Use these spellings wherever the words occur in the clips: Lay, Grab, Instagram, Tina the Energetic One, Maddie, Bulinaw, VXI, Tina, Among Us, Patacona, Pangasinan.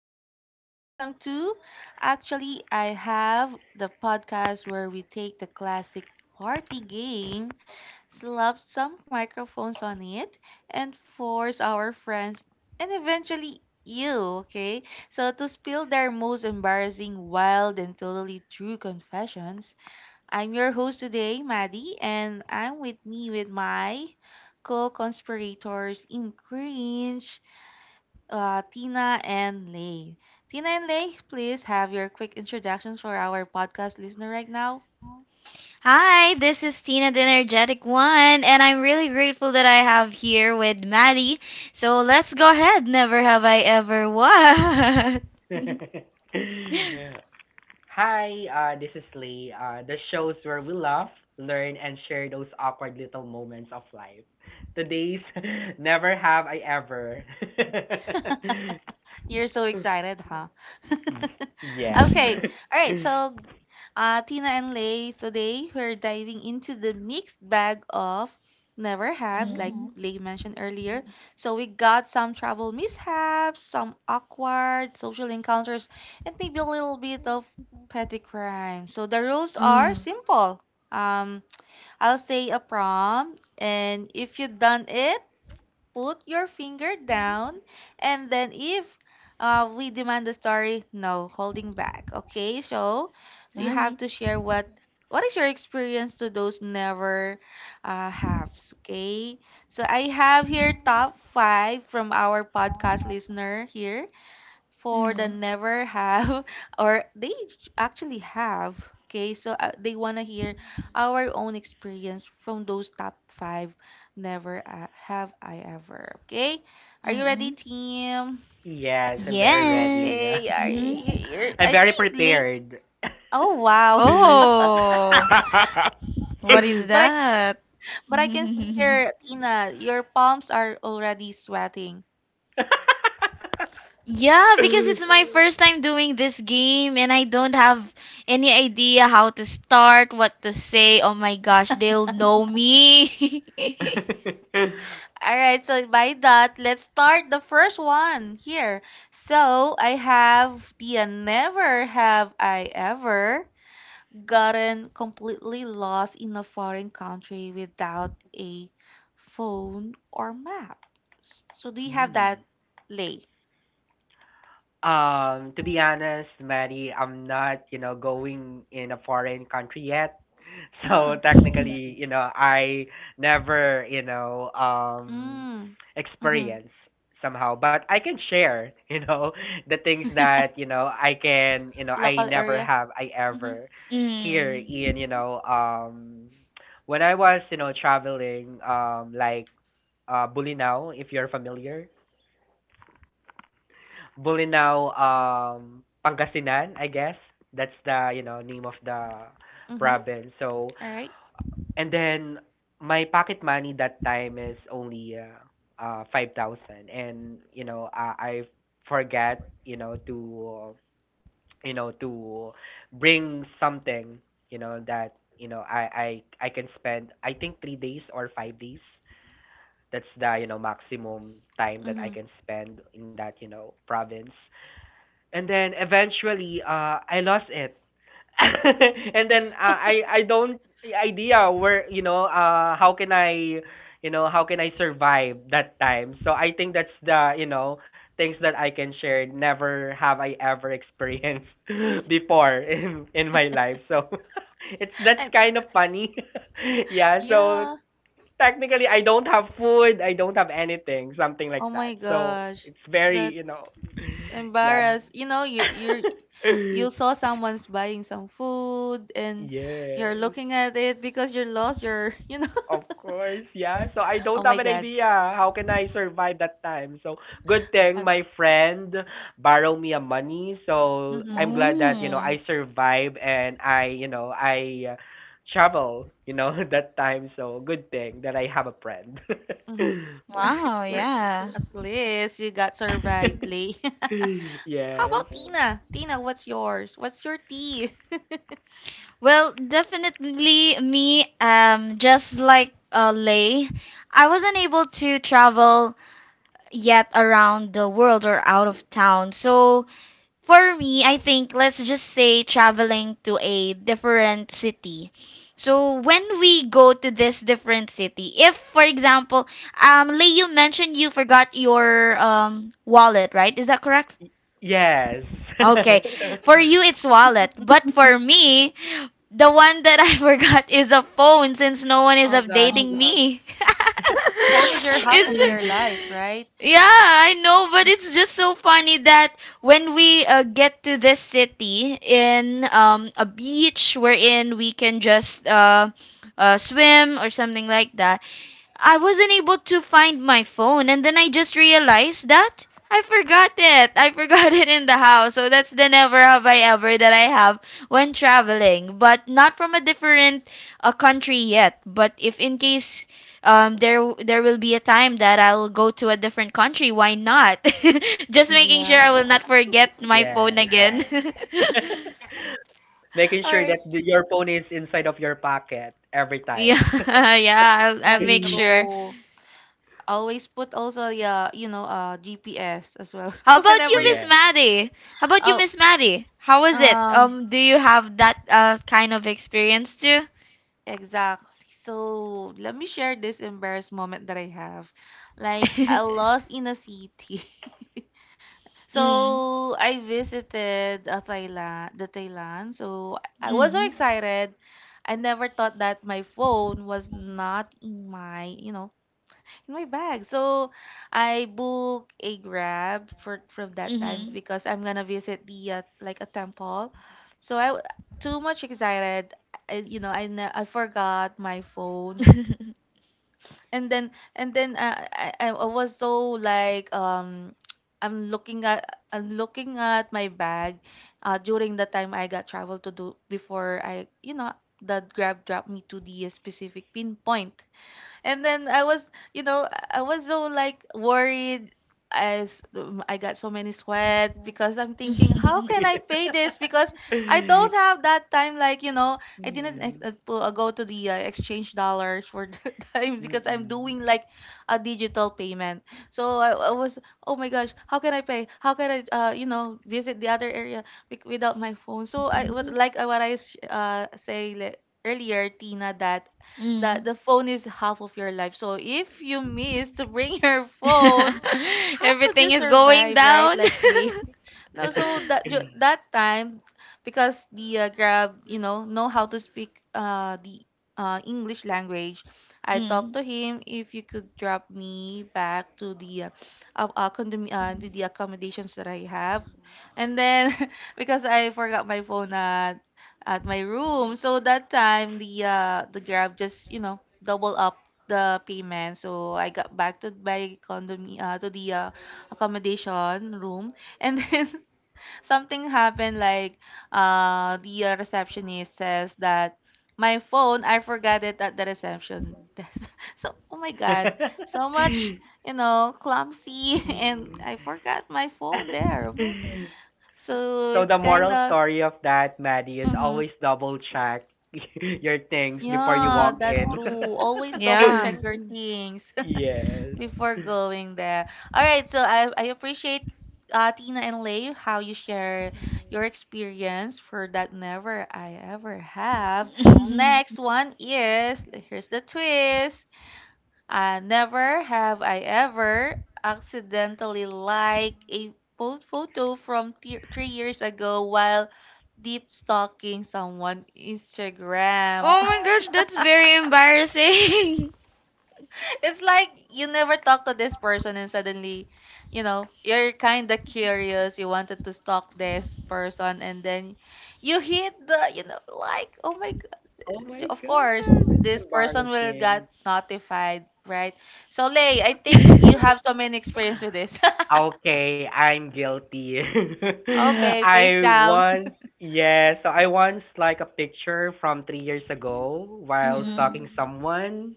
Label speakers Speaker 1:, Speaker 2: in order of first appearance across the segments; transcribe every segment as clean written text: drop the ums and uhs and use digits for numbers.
Speaker 1: welcome, welcome to. I have the podcast where we take the classic party game, slap some microphones on it, and force our friends and eventually you, okay? So, to spill their most embarrassing, wild, and totally true confessions, I'm your host today, Maddie, and I'm with my co conspirators in cringe, Tina and Lay. Tina and Lay, please have your quick introductions for our podcast listener right now.
Speaker 2: Hi, this is Tina the Energetic One, and I'm really grateful that I have here with Maddie. So let's go ahead. Never have I ever what?
Speaker 3: Hi, this is Lee. The shows where we laugh, learn, and share those awkward little moments of life. Today's never have I ever.
Speaker 1: You're so excited, huh?
Speaker 3: Yes.
Speaker 1: Okay, all right. So, Tina and Lay, today we're diving into the mixed bag of never haves, like Lay mentioned earlier. So, we got some travel mishaps, some awkward social encounters, and maybe a little bit of petty crime. So, the rules
Speaker 2: Oh,
Speaker 1: are
Speaker 2: all
Speaker 1: simple. Um, I'll say a prompt, and if you done it, put your finger down. And then if, we demand the story, no holding back. Okay, so, so you have
Speaker 2: right.
Speaker 1: to share what is your experience to those never haves. Okay, so I have here top five from our podcast listener here for the
Speaker 2: Mm,
Speaker 1: never have or they actually have. Okay, so they want to hear our own experience from those top five never have I ever. Okay, are you ready,
Speaker 2: mm-mm.
Speaker 1: team?
Speaker 3: Yes, I'm very
Speaker 2: Yes.
Speaker 3: ready.
Speaker 1: Okay, yeah,
Speaker 2: Hmm.
Speaker 3: I'm
Speaker 1: I
Speaker 3: very
Speaker 1: think late.
Speaker 3: prepared.
Speaker 1: Oh, wow.
Speaker 2: Oh, what is
Speaker 1: but i
Speaker 2: that?
Speaker 1: but I can see here, Tina, your palms are already sweating.
Speaker 2: Yeah, because it's my first time doing this game and I don't have any idea how to start, what to say. Oh my gosh, they'll know me.
Speaker 1: All right, so by that, let's start the first one here. So I have the never have I ever gotten completely lost in a foreign country without a phone or map. So do you have that,
Speaker 3: Hmm.
Speaker 1: Lay?
Speaker 3: To be honest, Maddie, I'm not, you know, going in a foreign country yet. So
Speaker 1: Mm.
Speaker 3: technically, you know, I never, you know,
Speaker 1: Mm. Mm-hmm.
Speaker 3: experience somehow. But I can share, you know, the things that, you know, I can, you know, I
Speaker 1: Local
Speaker 3: never
Speaker 1: area.
Speaker 3: have I
Speaker 1: Mm-hmm.
Speaker 3: ever here
Speaker 2: Mm.
Speaker 3: in, you know, when I was, you know, traveling, like Bulinaw, if you're familiar Bulinaw, Pangasinan, I guess. That's the, you know, name of the
Speaker 1: Mm-hmm.
Speaker 3: province. So,
Speaker 1: All right.
Speaker 3: and then my pocket money that time is only 5,000 and you know, I forget, you know, to bring something, you know, that you know, I can spend I think 3 days or 5 days. That's the, you know, maximum time that
Speaker 1: Mm-hmm.
Speaker 3: I can spend in that, you know, province and then eventually I lost it. And then I don't idea where you know how can I you know how can I survive that time. So I think that's the you know things that I can share. Never have I ever experienced before in my life. So it's that's
Speaker 1: And
Speaker 3: kind of funny. Yeah. So
Speaker 1: yeah.
Speaker 3: technically I don't have food. I don't have anything. Something
Speaker 1: Oh
Speaker 3: like
Speaker 1: my
Speaker 3: that. So
Speaker 1: gosh.
Speaker 3: it's very
Speaker 1: That's
Speaker 3: you know yeah.
Speaker 1: embarrassed. You know, you saw someone's buying some food and you're
Speaker 3: Yes.
Speaker 1: looking at it because you're lost you're you know.
Speaker 3: Of course, yeah. So I
Speaker 1: Oh
Speaker 3: don't have
Speaker 1: my
Speaker 3: an
Speaker 1: god.
Speaker 3: idea how can I survive that time. So good thing
Speaker 1: At,
Speaker 3: my friend borrowed me a money. So
Speaker 1: mm-hmm,
Speaker 3: I'm glad that you know
Speaker 2: Oh,
Speaker 3: I survive and I you know I travel you know that time. So good thing that I have a friend.
Speaker 1: mm-hmm.
Speaker 2: wow,
Speaker 1: We're,
Speaker 2: yeah.
Speaker 1: at least you got survived, Lee. How
Speaker 3: Yes.
Speaker 1: about Tina? Tina, what's yours, what's your tea?
Speaker 2: Well, definitely me, just like Lay, I wasn't able to travel yet around the world or out of town. So for me, I think let's just say traveling to a different city. So when we go to this different city, if for example, Lei, you mentioned you forgot your wallet, right? Is that correct?
Speaker 3: Yes.
Speaker 2: Okay, for you it's wallet, but for me, the one that I forgot is a phone since no one is
Speaker 1: Oh gosh,
Speaker 2: updating me.
Speaker 1: phone is your half of your life,
Speaker 2: it's
Speaker 1: right?
Speaker 2: Yeah, I know, but it's just so funny that when we get to this city in a beach wherein we can just swim or something like that, I wasn't able to find my phone, and then I just realized that I forgot it. I forgot it in the house. So that's the never have I ever that I have when traveling, but not from a different country yet. But if in case um there there will be a time that I'll go to a different country, why not? Just making sure
Speaker 1: Yeah,
Speaker 2: I will not forget my phone
Speaker 3: Yes.
Speaker 2: again.
Speaker 3: Making
Speaker 1: all
Speaker 3: sure that
Speaker 1: right,
Speaker 3: the, your phone is inside of your pocket every
Speaker 2: Yeah,
Speaker 3: time.
Speaker 2: yeah, I'll
Speaker 1: that's
Speaker 2: make
Speaker 3: Mm.
Speaker 2: sure.
Speaker 1: true. Always put also, yeah, you know, uh, GPS as well,
Speaker 2: How about
Speaker 1: whenever
Speaker 2: you,
Speaker 1: you.
Speaker 2: Miss
Speaker 3: Yeah.
Speaker 2: Maddie? How about you,
Speaker 1: Oh,
Speaker 2: Miss Maddie? How was it?
Speaker 1: um,
Speaker 2: Do you have that kind of experience too?
Speaker 1: exactly. So let me share this embarrassed moment that I have. Like I lost in a city.
Speaker 2: Mm,
Speaker 1: So I visited a Thailand, the Thailand. So I was so
Speaker 2: mm,
Speaker 1: excited. I never thought that my phone was not in my, you know, in my bag. So I book a Grab for from that time
Speaker 2: mm-hmm.
Speaker 1: because I'm gonna visit the like a temple. So I too much excited. I, you know, I forgot my phone, and then I I was so like I'm looking at I'm looking at my bag, during the time I got travel to do before I you know the Grab dropped me to the specific pinpoint, and then I was, you know, I was so like worried as I got so many sweat because I'm thinking, how can I pay this? Because I
Speaker 3: Mm.
Speaker 1: don't have that time. Like, you know, I didn't ex- pu- go to the exchange dollars for the time because I'm doing
Speaker 3: Mm.
Speaker 1: like a digital payment. So I was, oh my gosh, how can I pay? How can I, you know, visit the other area without my phone? So I would like say like, earlier, Tina, that
Speaker 2: Mm.
Speaker 1: the phone is half of your life. So if you miss to bring your phone, how could
Speaker 2: Everything
Speaker 1: you
Speaker 2: is going
Speaker 1: survive, right?
Speaker 2: down.
Speaker 1: Like Lee, no, so
Speaker 3: Mm.
Speaker 1: that that time, because the Grab, you know how to speak the English language, I talked
Speaker 2: Mm,
Speaker 1: to him if you could drop me back to the the accommodations that I have, and then because I forgot my phone at my room, so that time the Grab just, you know, double up the payment, so I got back to my condom to the accommodation room. And then something happened like the receptionist says that my phone I forgot it at the reception desk. So oh my god, so much you know clumsy and I forgot my phone there. Oh my so
Speaker 3: So
Speaker 1: it's
Speaker 3: the
Speaker 1: kind
Speaker 3: moral
Speaker 1: of
Speaker 3: story of that, Maddie, is
Speaker 1: mm-hmm.
Speaker 3: always double check your things before you
Speaker 1: Yeah,
Speaker 3: walk
Speaker 1: that's
Speaker 3: in.
Speaker 1: true. Always double
Speaker 2: yeah.
Speaker 1: check your things
Speaker 3: Yes.
Speaker 1: before going there. All right, so I appreciate, Tina and Lay, how you share your experience for that never I ever have. Next one is here's the twist. Never have I ever accidentally liked a photo from 3 years ago while deep stalking someone Instagram.
Speaker 2: Oh, gosh, that's very embarrassing.
Speaker 1: It's like you never talk to this person and suddenly, you know, you're kind of curious. You wanted to stalk this person and then you hit the, you know, like, oh my
Speaker 3: Oh
Speaker 1: God.
Speaker 3: my
Speaker 1: Of course,
Speaker 3: God, it's
Speaker 1: this person will
Speaker 3: embarrassing.
Speaker 1: get notified, right? So, Lay, I think you have so many experience with this.
Speaker 3: Okay, I'm guilty.
Speaker 1: Okay, face
Speaker 3: I
Speaker 1: down.
Speaker 3: once, yeah, so I once like a picture from 3 years ago while
Speaker 1: Mm-hmm.
Speaker 3: stalking
Speaker 2: Mm.
Speaker 3: someone.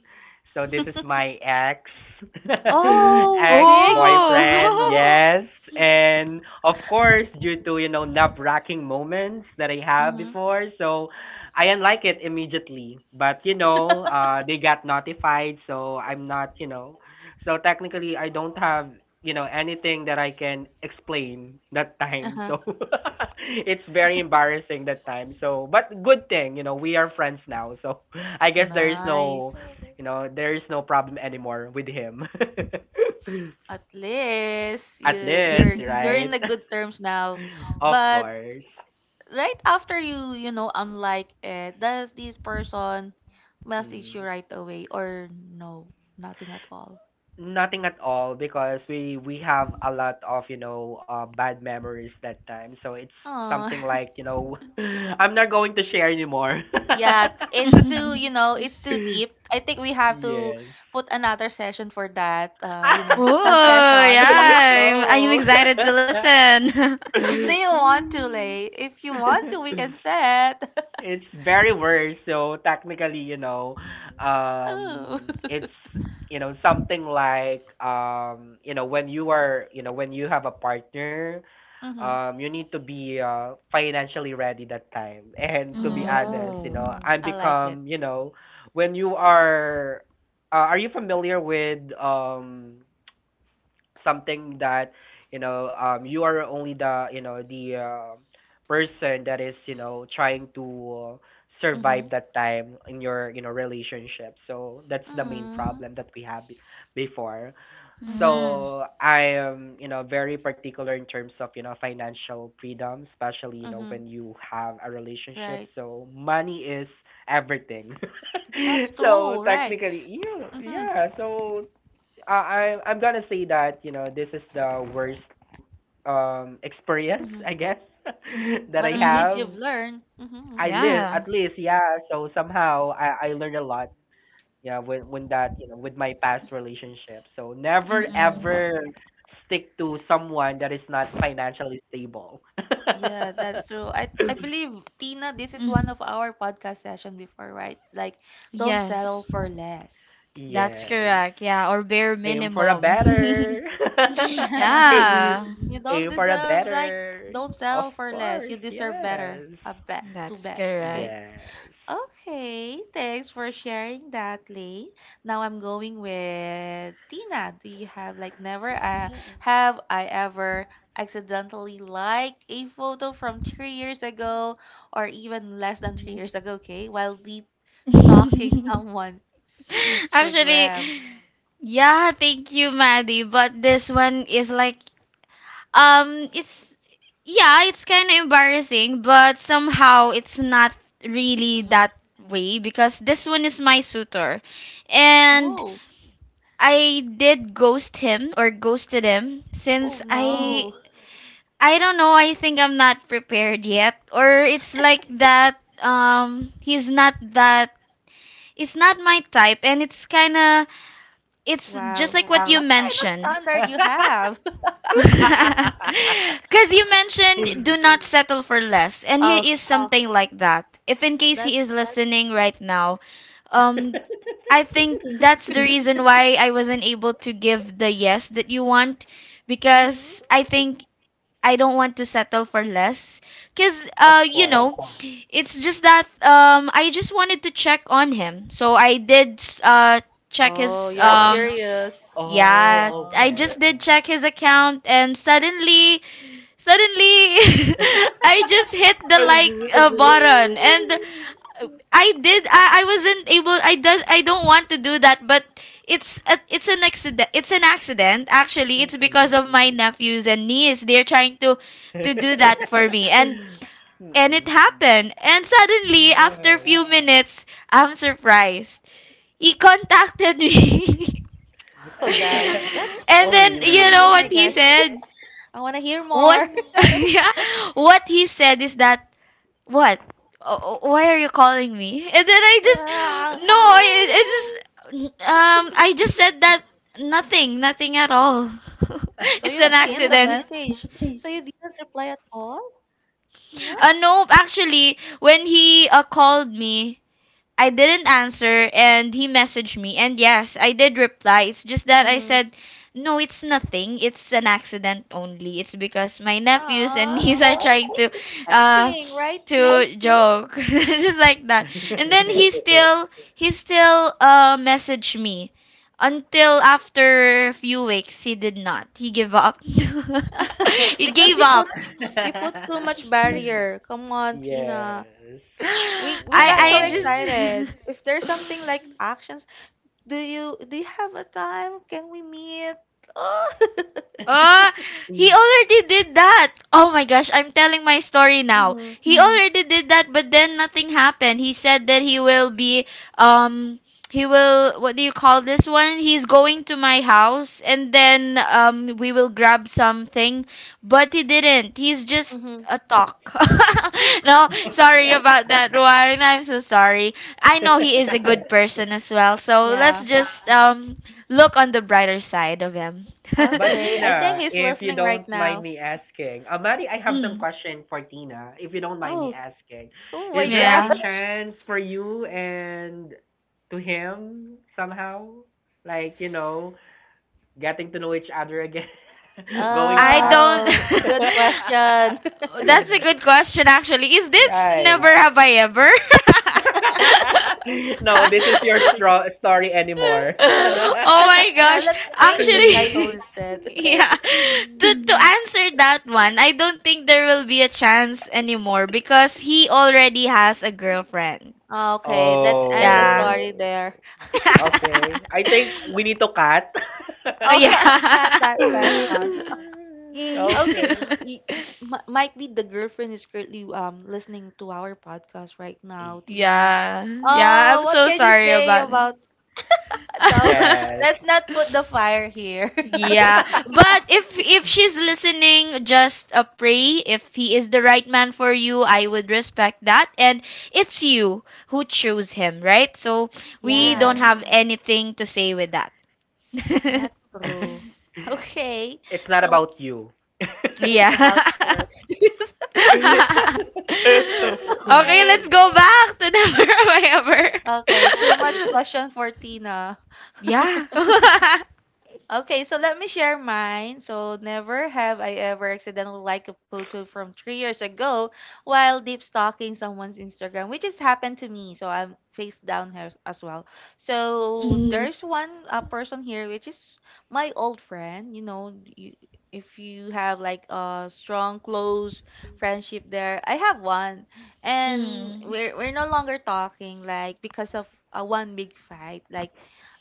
Speaker 3: So this is my ex,
Speaker 1: Oh,
Speaker 3: ex
Speaker 1: big slice
Speaker 3: boyfriend,
Speaker 1: of.
Speaker 2: Oh.
Speaker 3: yes. And of course, due to, you know, nerve-wracking moments that I have
Speaker 1: Mm-hmm.
Speaker 3: before, so I unlike it immediately. But, you know, they got notified, so I'm not, you know, so technically, I don't have you know anything that I can explain that time.
Speaker 1: Uh-huh.
Speaker 3: So it's very embarrassing that time. So but good thing you know we are friends now. So I guess there is
Speaker 1: Nice.
Speaker 3: no you know there is no problem anymore with him.
Speaker 1: At least you
Speaker 3: At least,
Speaker 1: you're in
Speaker 3: right?
Speaker 1: the good terms now.
Speaker 3: Of
Speaker 1: But
Speaker 3: course.
Speaker 1: right after you, you know, unlike it, does this person message you
Speaker 3: Mhm.
Speaker 1: right away or no, nothing at all?
Speaker 3: Nothing at all because we have a lot of you know bad memories that time. So it's
Speaker 1: Oh.
Speaker 3: something like you know I'm not going to share anymore.
Speaker 1: Yeah, it's too, you know, it's too deep. I think we have to
Speaker 3: Yes.
Speaker 1: put another session for that, uh, you know,
Speaker 2: Oh,
Speaker 1: confession.
Speaker 2: yeah. I'm
Speaker 3: Oh.
Speaker 2: excited to listen.
Speaker 1: Do you want to, Lay, if you want to we can set.
Speaker 3: It's very worse. So technically, you know,
Speaker 1: Oh.
Speaker 3: it's you know something like you know when you are you know when you have a partner,
Speaker 1: Mm-hmm.
Speaker 3: you need to be financially ready that time. And to be honest, you
Speaker 2: Mm.
Speaker 1: Oh,
Speaker 3: know, I
Speaker 1: I like it.
Speaker 3: become you know when you are. Are you familiar with something that you know you are only the you know the person that is you know trying to survive
Speaker 1: Mm-hmm.
Speaker 3: that time in your you know relationship so that's the main
Speaker 1: Mm,
Speaker 3: problem that we have before
Speaker 1: mm-hmm,
Speaker 2: Mm.
Speaker 3: so I am you know very particular in terms of you know financial freedom especially you know
Speaker 1: mm-hmm,
Speaker 3: when you have a relationship
Speaker 1: right.
Speaker 3: so money is everything
Speaker 1: That's
Speaker 3: so
Speaker 1: true, right.
Speaker 3: technically yeah
Speaker 1: Mm-hmm,
Speaker 3: yeah so I I'm gonna say that you know this is the worst experience
Speaker 1: mm-hmm.
Speaker 3: I guess that
Speaker 1: But
Speaker 3: I
Speaker 1: at
Speaker 2: Mm-hmm.
Speaker 1: least
Speaker 3: have.
Speaker 1: you've learned. Mm-hmm.
Speaker 3: I live
Speaker 2: Yeah.
Speaker 3: at least yeah. So somehow I learned a lot yeah when that you know with my past relationship. So never
Speaker 2: Mm-mm.
Speaker 3: ever stick to someone that is not financially stable.
Speaker 1: Yeah, that's true. I believe, Tina, this is one
Speaker 2: Mm.
Speaker 1: of our podcast session before, right? Like, don't settle
Speaker 2: Yes,
Speaker 1: for less.
Speaker 2: that's
Speaker 3: Yes.
Speaker 2: correct. Yeah, or bare
Speaker 3: Aim for a
Speaker 2: minimum.
Speaker 3: better.
Speaker 2: Yeah,
Speaker 1: You don't
Speaker 3: Aim for a
Speaker 1: deserve, like,
Speaker 3: better.
Speaker 1: don't
Speaker 3: Of
Speaker 1: settle for less.
Speaker 3: course,
Speaker 1: You deserve better,
Speaker 3: yes.
Speaker 1: a bet, two
Speaker 2: that's
Speaker 1: best,
Speaker 2: correct.
Speaker 1: okay?
Speaker 3: Yes.
Speaker 1: Okay, thanks for sharing that, Lay. Now I'm going with Tina. Do you have like never have I ever accidentally liked a photo from 3 years ago or even less than 3 years ago, okay, while deep stalking someone's
Speaker 2: Actually,
Speaker 1: Instagram?
Speaker 2: yeah, thank you, Maddie. But this one is like, it's, yeah, it's kind of embarrassing, but somehow it's not really
Speaker 1: Hmm.
Speaker 2: that way because this one is my suitor. And
Speaker 1: Oh,
Speaker 2: I did ghost him or ghosted him
Speaker 1: oh
Speaker 2: since
Speaker 1: no.
Speaker 2: I don't know, I think I'm not prepared yet or it's like that he's not that, it's not my type, and it's kind of, it's just
Speaker 1: Wow.
Speaker 2: like what you
Speaker 1: What kind of
Speaker 2: mentioned.
Speaker 1: standard you have?
Speaker 2: Because you mentioned do not settle for less, and
Speaker 1: Oh,
Speaker 2: he is Yeah. something like that. If in case
Speaker 1: that.
Speaker 2: he is listening right now, um, I think that's the reason why I wasn't able to give the yes that you want,
Speaker 1: Mm-hmm.
Speaker 2: because I think I don't want to settle for less. Because,
Speaker 3: Of
Speaker 2: you
Speaker 3: course.
Speaker 2: know, it's just that I just wanted to check on him. So I did uh, check
Speaker 1: Oh,
Speaker 2: his
Speaker 1: you're curious.
Speaker 2: yeah,
Speaker 3: Oh,
Speaker 2: I
Speaker 3: okay.
Speaker 2: just did check his account and suddenly, suddenly, I just hit the like
Speaker 3: Mm-mm.
Speaker 2: button and I did. I wasn't able. I does. I don't want to do that, but it's a, it's an accident. It's an accident. Actually, it's because of my nephews and niece. They're trying to do that for me, and it
Speaker 3: Mm-mm.
Speaker 2: happened. And suddenly, after a
Speaker 3: Yes.
Speaker 2: few minutes, I'm surprised. He contacted me.
Speaker 1: Oh gosh, that's
Speaker 2: And
Speaker 3: Oh,
Speaker 2: then you
Speaker 1: that's
Speaker 2: know
Speaker 1: oh
Speaker 3: really?
Speaker 2: what
Speaker 1: my
Speaker 2: he
Speaker 1: gosh.
Speaker 2: said?
Speaker 1: I want to hear
Speaker 2: What
Speaker 1: more.
Speaker 2: yeah, what he said is that, what? Why are you calling me? And then I just
Speaker 1: Ah,
Speaker 2: no, I just I just said that nothing, nothing at all.
Speaker 1: so
Speaker 2: It's an
Speaker 1: you've seen the
Speaker 2: accident.
Speaker 1: message. So you didn't reply at all, you know?
Speaker 2: No, actually, when he called me, I didn't answer and he messaged me. And yes, I did reply. It's just that I
Speaker 1: Mm-hmm.
Speaker 2: said, no, it's nothing. It's an accident only. It's because my nephews and
Speaker 1: Ah,
Speaker 2: niece
Speaker 1: I
Speaker 2: are
Speaker 1: think
Speaker 2: trying to
Speaker 1: he's
Speaker 2: uh
Speaker 1: expecting, right, Lee?
Speaker 2: joke. Just like that. And then he still messaged me. Until after a few weeks he did not. He gave up. he
Speaker 1: Because
Speaker 2: gave up.
Speaker 1: you put so much barrier. Come on, Tina.
Speaker 3: Yes.
Speaker 1: We
Speaker 3: Come
Speaker 1: got so
Speaker 2: I just
Speaker 3: on.
Speaker 1: excited. If there's something like actions, do you have a time? Can we meet? Oh.
Speaker 2: Ah, he already did that. Oh my gosh, I'm telling my story now.
Speaker 1: Mm-hmm.
Speaker 2: He Mm. already did that, but then nothing happened. He said that he will be um he will what do you call this one? He's going to my house and then we will grab something, but he didn't. He's just
Speaker 1: Mm-hmm.
Speaker 2: a talk. No, sorry about that one. I'm so sorry. I know he is a good person as well. So let's
Speaker 1: Yeah.
Speaker 2: just look on the brighter side of him.
Speaker 3: But
Speaker 1: Okay, I think
Speaker 3: Tina,
Speaker 1: he's
Speaker 3: if you
Speaker 1: listening
Speaker 3: don't
Speaker 1: right
Speaker 3: mind
Speaker 1: now.
Speaker 3: me asking, Mari, I have some
Speaker 2: Mm,
Speaker 3: question for Tina, if you don't mind me
Speaker 1: Oh,
Speaker 3: asking.
Speaker 1: oh my
Speaker 3: Is there
Speaker 1: God.
Speaker 3: any
Speaker 2: yeah.
Speaker 3: chance for you and to him somehow? Like, you know, getting to know each other again, going
Speaker 2: I
Speaker 3: back?
Speaker 2: don't
Speaker 1: Oh, good question.
Speaker 2: that's a good question actually. Is this never
Speaker 3: Right.
Speaker 2: have I ever?
Speaker 3: No, this is your stro story anymore.
Speaker 2: Oh my
Speaker 1: Yeah,
Speaker 2: gosh.
Speaker 1: let's change the title
Speaker 2: Actually,
Speaker 1: instead.
Speaker 2: yeah. To answer that one, I don't think there will be a chance anymore because he already has a girlfriend.
Speaker 1: Okay, let's end the
Speaker 2: Yeah.
Speaker 1: story
Speaker 3: Oh.
Speaker 1: there.
Speaker 3: Okay. I think we need to cut.
Speaker 1: Oh,
Speaker 2: Yeah.
Speaker 1: cut that session.
Speaker 2: Mm.
Speaker 1: Okay,
Speaker 3: Okay.
Speaker 1: y- might be the girlfriend is currently listening to our podcast right now, Tina.
Speaker 2: Yeah. Yeah, I'm
Speaker 1: Oh, what
Speaker 2: so
Speaker 1: can you
Speaker 2: sorry
Speaker 1: say
Speaker 2: about
Speaker 1: about no?
Speaker 2: it.
Speaker 3: Yes.
Speaker 1: Let's not put the fire here.
Speaker 2: Yeah, but if she's listening, just pray. If he is the right man for you, I would respect that. And it's you who chose him, right? So we
Speaker 1: Yeah,
Speaker 2: don't
Speaker 3: Yes.
Speaker 2: have anything to say with that.
Speaker 1: that's true. Okay,
Speaker 3: It's not
Speaker 1: so
Speaker 3: about you.
Speaker 1: it's about her.
Speaker 2: Yeah. Okay,
Speaker 1: Okay.
Speaker 2: let's go back to never have I
Speaker 1: Okay, too much
Speaker 2: ever.
Speaker 1: question for Tina.
Speaker 2: Yeah.
Speaker 1: Okay, so let me share mine. So, never have I ever accidentally liked a photo from 3 years ago while deep stalking someone's Instagram, which just happened to me. So, I'm face down here as well. So,
Speaker 2: Mm.
Speaker 1: there's one person here, which is my old friend. You know, you, if you have like a strong, close friendship there, I have one. And
Speaker 2: Mm,
Speaker 1: we're no longer talking, like, because of one big fight. Like,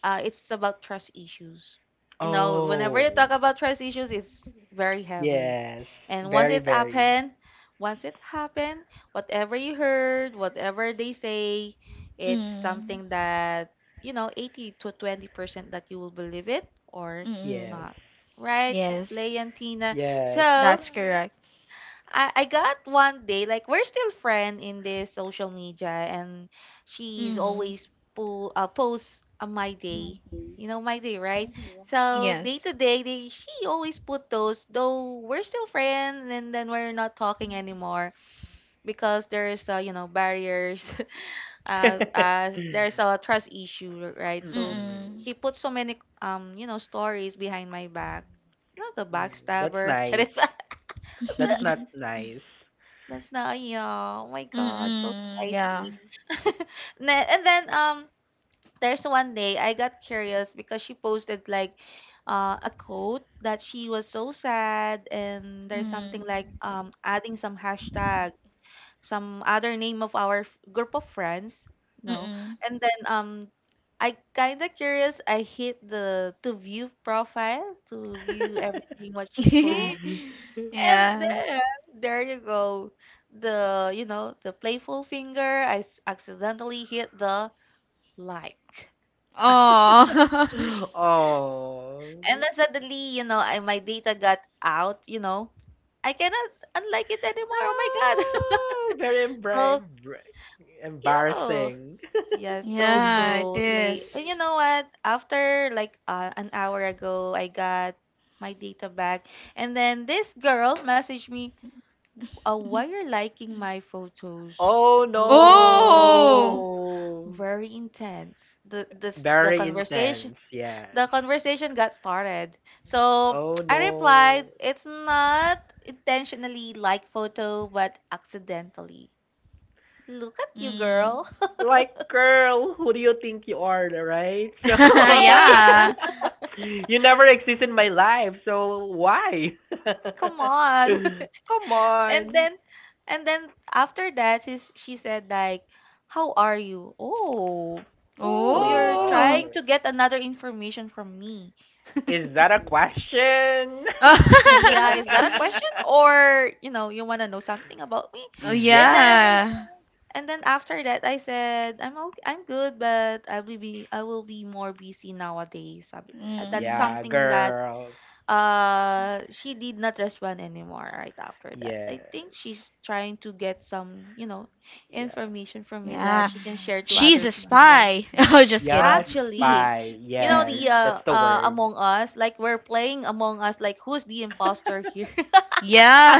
Speaker 1: it's about trust issues. You know, whenever you
Speaker 3: Oh.
Speaker 1: talk about trust issues, it's very heavy.
Speaker 3: Yes.
Speaker 1: And
Speaker 3: Very, very.
Speaker 1: once it happened, whatever you heard, whatever they say, it's
Speaker 2: mm,
Speaker 1: something that, you know, 80 to 20% that you will believe it or
Speaker 2: mm.
Speaker 3: Yes.
Speaker 1: not. Right, Lay
Speaker 2: Yes,
Speaker 1: and Tina?
Speaker 3: Yes.
Speaker 1: So,
Speaker 2: that's correct.
Speaker 1: I got one day, like we're still friend in this social media and she's
Speaker 2: Mm.
Speaker 1: always posts on my day. You know my day, right? So
Speaker 2: Yes.
Speaker 1: day to day, she always put those. Though we're still friends, and then we're not talking anymore because there's you know, barriers,
Speaker 3: Mm-mm.
Speaker 1: there's a trust issue, right? So
Speaker 2: Mm.
Speaker 1: she put so many um, you know, stories behind my back. Not the
Speaker 3: Mm, that's
Speaker 1: backstabber,
Speaker 3: nice.
Speaker 1: Charissa.
Speaker 3: That's not
Speaker 2: Mm,
Speaker 3: nice.
Speaker 1: That's not yeah. Oh my God, so
Speaker 2: yeah.
Speaker 1: spicy. And then um, there's one day I got curious because she posted like a quote that she was so sad, and there's something
Speaker 2: Mm,
Speaker 1: like adding some hashtag, some other name of our group of friends, no.
Speaker 2: mm.
Speaker 1: And then I kind of curious. I hit the to view profile to view everything what she posts,
Speaker 2: Yeah.
Speaker 1: and then there you go. The, you know, the playful finger, I accidentally hit the like.
Speaker 2: Oh.
Speaker 1: And
Speaker 3: Oh.
Speaker 1: then suddenly, I my data got out, I cannot unlike it anymore. Oh my God.
Speaker 3: Oh, very embra-
Speaker 1: So,
Speaker 3: embra-
Speaker 1: yeah.
Speaker 3: embarrassing.
Speaker 1: Yeah, so
Speaker 2: Yeah, it
Speaker 1: too late. And you
Speaker 2: is.
Speaker 1: know what? After like an hour ago, I got my data back. And then this girl messaged me, why you're liking my photos?
Speaker 3: Oh
Speaker 2: Oh.
Speaker 1: Oh,
Speaker 3: no.
Speaker 1: very intense. The
Speaker 3: Very
Speaker 1: conversation,
Speaker 3: intense, yes.
Speaker 1: the conversation got started. So
Speaker 3: Oh
Speaker 1: I replied,
Speaker 3: no.
Speaker 1: it's not intentionally like photo but accidentally. Look at you,
Speaker 2: Mm.
Speaker 1: girl.
Speaker 3: Like, girl, who do you think you are, right? So,
Speaker 1: Hey,
Speaker 2: Yeah.
Speaker 3: you never exist in my life, so why?
Speaker 1: come on.
Speaker 3: Come
Speaker 1: And
Speaker 3: on.
Speaker 1: then and then after that she said like, "How are you?" Oh, so you're
Speaker 3: Oh,
Speaker 2: Oh.
Speaker 1: trying to get another information from me.
Speaker 3: is that a question?
Speaker 1: Yeah, is that a question or you know you want to know something about me?
Speaker 2: Oh,
Speaker 1: And then
Speaker 3: Yes.
Speaker 2: yeah.
Speaker 1: and then after that I said I'm okay, I'm good, but I will be more busy nowadays. Sabi- that's
Speaker 2: Mm.
Speaker 3: Yeah,
Speaker 1: something that
Speaker 3: girl.
Speaker 1: uh, she did not respond anymore right after that.
Speaker 3: Yes.
Speaker 1: I think she's trying to get some, you know,
Speaker 3: Yeah.
Speaker 1: information from me that
Speaker 2: Yeah.
Speaker 1: she can share to
Speaker 2: She's a
Speaker 1: other people.
Speaker 2: spy. Oh, just
Speaker 3: Yeah,
Speaker 2: kidding.
Speaker 1: Actually,
Speaker 3: spy.
Speaker 1: you know
Speaker 3: Yes.
Speaker 1: the
Speaker 3: That's the word.
Speaker 1: Among Us, like we're playing Among Us, like who's the imposter here?
Speaker 2: Yeah.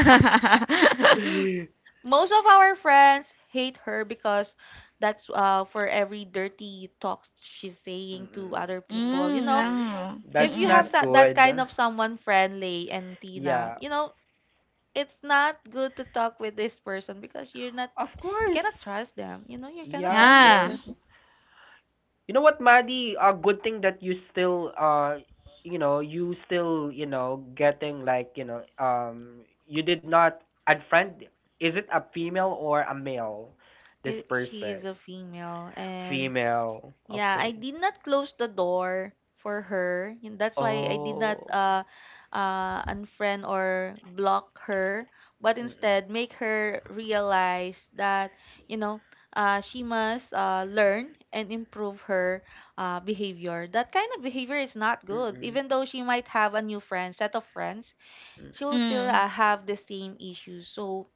Speaker 3: Mm-mm.
Speaker 1: Most of our friends hate her because that's uh, for every dirty talks she's saying to other people, you
Speaker 2: Mm,
Speaker 1: know,
Speaker 2: yeah.
Speaker 1: if
Speaker 3: That's
Speaker 1: you have
Speaker 2: Mm-mm.
Speaker 3: not
Speaker 1: sa- that kind
Speaker 3: good.
Speaker 1: of someone friendly and tina,
Speaker 3: Yeah.
Speaker 1: you know, it's not good to talk with this person because you're not,
Speaker 3: Of
Speaker 1: you
Speaker 3: course.
Speaker 1: cannot trust them, you know, you cannot
Speaker 3: Yeah, of
Speaker 1: trust this
Speaker 2: Yeah.
Speaker 3: course.
Speaker 1: person.
Speaker 3: You know what, Maddie? A good thing that you still you know, you still, you know, getting like, you know, you did not unfriend is it a female or a male this
Speaker 1: I She
Speaker 3: person?
Speaker 1: is a female, and
Speaker 3: Female.
Speaker 1: yeah, I
Speaker 3: Okay.
Speaker 1: did not close the door for her, and that's why I did not
Speaker 3: Oh. Okay.
Speaker 1: unfriend or block her, but
Speaker 3: Mm-mm.
Speaker 1: instead make her realize that, you know, she must learn and improve her behavior. That kind of behavior is not good.
Speaker 3: Mm-mm.
Speaker 1: Even though she might have a new friend, set of friends, she will
Speaker 3: Mm-mm.
Speaker 1: still
Speaker 2: Mm.
Speaker 1: have the same issues. So,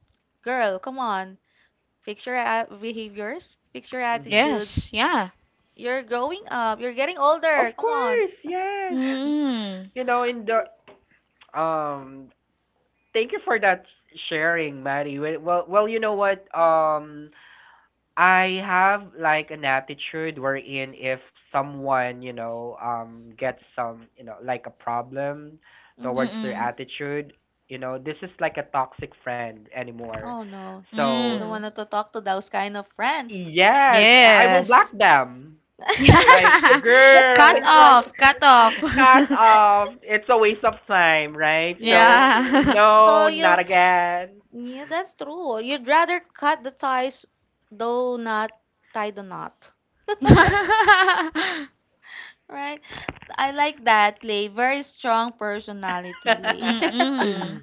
Speaker 1: girl, come on, fix your behaviors, fix your
Speaker 3: Mhm.
Speaker 1: attitudes.
Speaker 2: Yes, yeah.
Speaker 1: You're growing up. You're getting
Speaker 3: Of
Speaker 1: older. Come on.
Speaker 3: course, yes.
Speaker 2: Mm.
Speaker 3: You know, in the um thank you for that sharing, Maddie. Well, well, well, you know what? I have like an attitude wherein if someone, you know, gets some, you know, like a problem
Speaker 1: Hmm.
Speaker 3: towards their
Speaker 2: Mm.
Speaker 3: attitude, you know, this is like a toxic friend anymore.
Speaker 1: Oh no, I
Speaker 3: So,
Speaker 1: don't
Speaker 2: Mm.
Speaker 1: want to talk to those kind of friends.
Speaker 3: yes, I will block
Speaker 2: Yes.
Speaker 3: them. Like,
Speaker 2: Yeah.
Speaker 1: That's a
Speaker 2: Cut
Speaker 3: girl,
Speaker 1: quick one.
Speaker 2: off, cut off.
Speaker 3: cut off. It's a waste of time, right?
Speaker 1: Yeah.
Speaker 3: So,
Speaker 2: Yeah.
Speaker 3: no,
Speaker 1: So
Speaker 3: not
Speaker 1: you,
Speaker 3: again.
Speaker 1: yeah, that's true. You'd rather cut the ties, though not tie the knot.
Speaker 3: Yeah.
Speaker 1: Right? I like that, Lay. Very strong personality, Lay.
Speaker 2: Mm.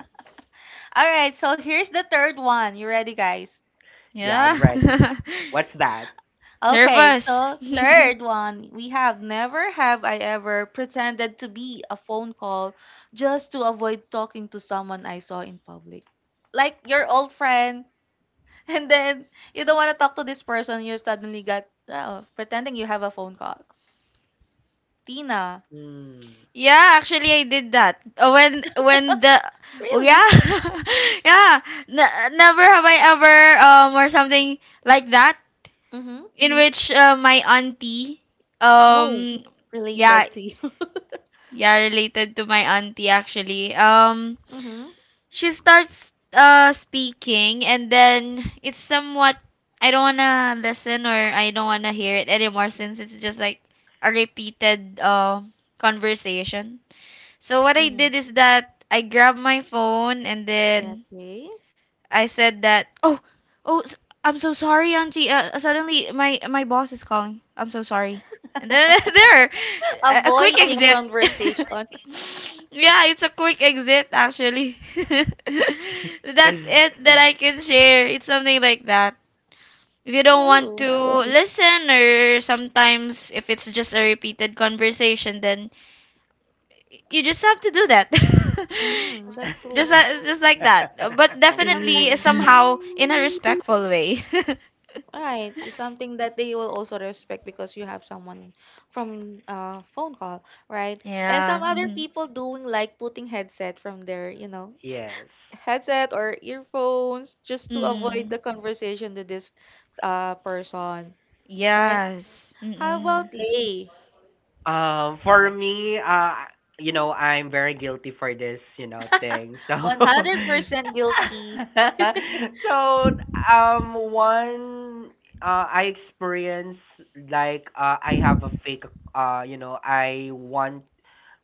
Speaker 1: All right. So here's the third one. You ready, guys?
Speaker 3: Yeah, I'm
Speaker 2: Yeah.
Speaker 3: ready. What's that?
Speaker 1: Okay,
Speaker 2: Nervous.
Speaker 1: so third one, we have never have I ever pretended to be a phone call just to avoid talking to someone I saw in public. Like your old friend, and then you don't want to talk to this person, you suddenly got, oh, pretending you have a phone call. Tina,
Speaker 3: Mm.
Speaker 2: Yeah, actually I did that. When the oh
Speaker 1: really?
Speaker 2: yeah. Yeah. Never have I ever or something like that
Speaker 1: Mm-hmm.
Speaker 2: in which my auntie
Speaker 1: Oh,
Speaker 2: um yeah,
Speaker 1: related to you.
Speaker 2: Yeah, related to my auntie actually.
Speaker 1: Mm-hmm.
Speaker 2: She starts speaking and then it's somewhat I don't wanna listen or I don't wanna hear it anymore since it's just like a repeated conversation. So what I
Speaker 1: Mm-hmm.
Speaker 2: did is that I grabbed my phone and
Speaker 1: Yeah,
Speaker 2: then
Speaker 1: okay.
Speaker 2: I said that. Oh, oh, s- I'm so sorry, Auntie. Suddenly, my my boss is calling. I'm so sorry. And then there, a quick
Speaker 1: Avoiding
Speaker 2: exit.
Speaker 1: conversation.
Speaker 2: Yeah, it's a quick exit actually. That's it that I can share. It's something like that. If you don't want
Speaker 1: No.
Speaker 2: to listen, or sometimes if it's just a repeated conversation, then you just have to do that
Speaker 1: Mm-hmm. That's true.
Speaker 2: just like that. But
Speaker 1: And
Speaker 2: definitely
Speaker 1: sometimes
Speaker 2: somehow in a respectful way.
Speaker 1: right, it's something that they will also respect because you have someone from uh, phone call, right? And
Speaker 2: Yeah.
Speaker 1: some other
Speaker 2: Hmm.
Speaker 1: people doing like putting headset from their, you know,
Speaker 3: Yes.
Speaker 1: headset or earphones just to avoid
Speaker 2: Mm,
Speaker 1: the conversation to this uh, person, right?
Speaker 2: yes.
Speaker 1: How
Speaker 2: Mm-mm.
Speaker 1: about Lay?
Speaker 3: For me, you know, I'm very guilty for this, you know, thing. So,
Speaker 1: 100% guilty.
Speaker 3: so one, I experience like I have a fake. You know, I want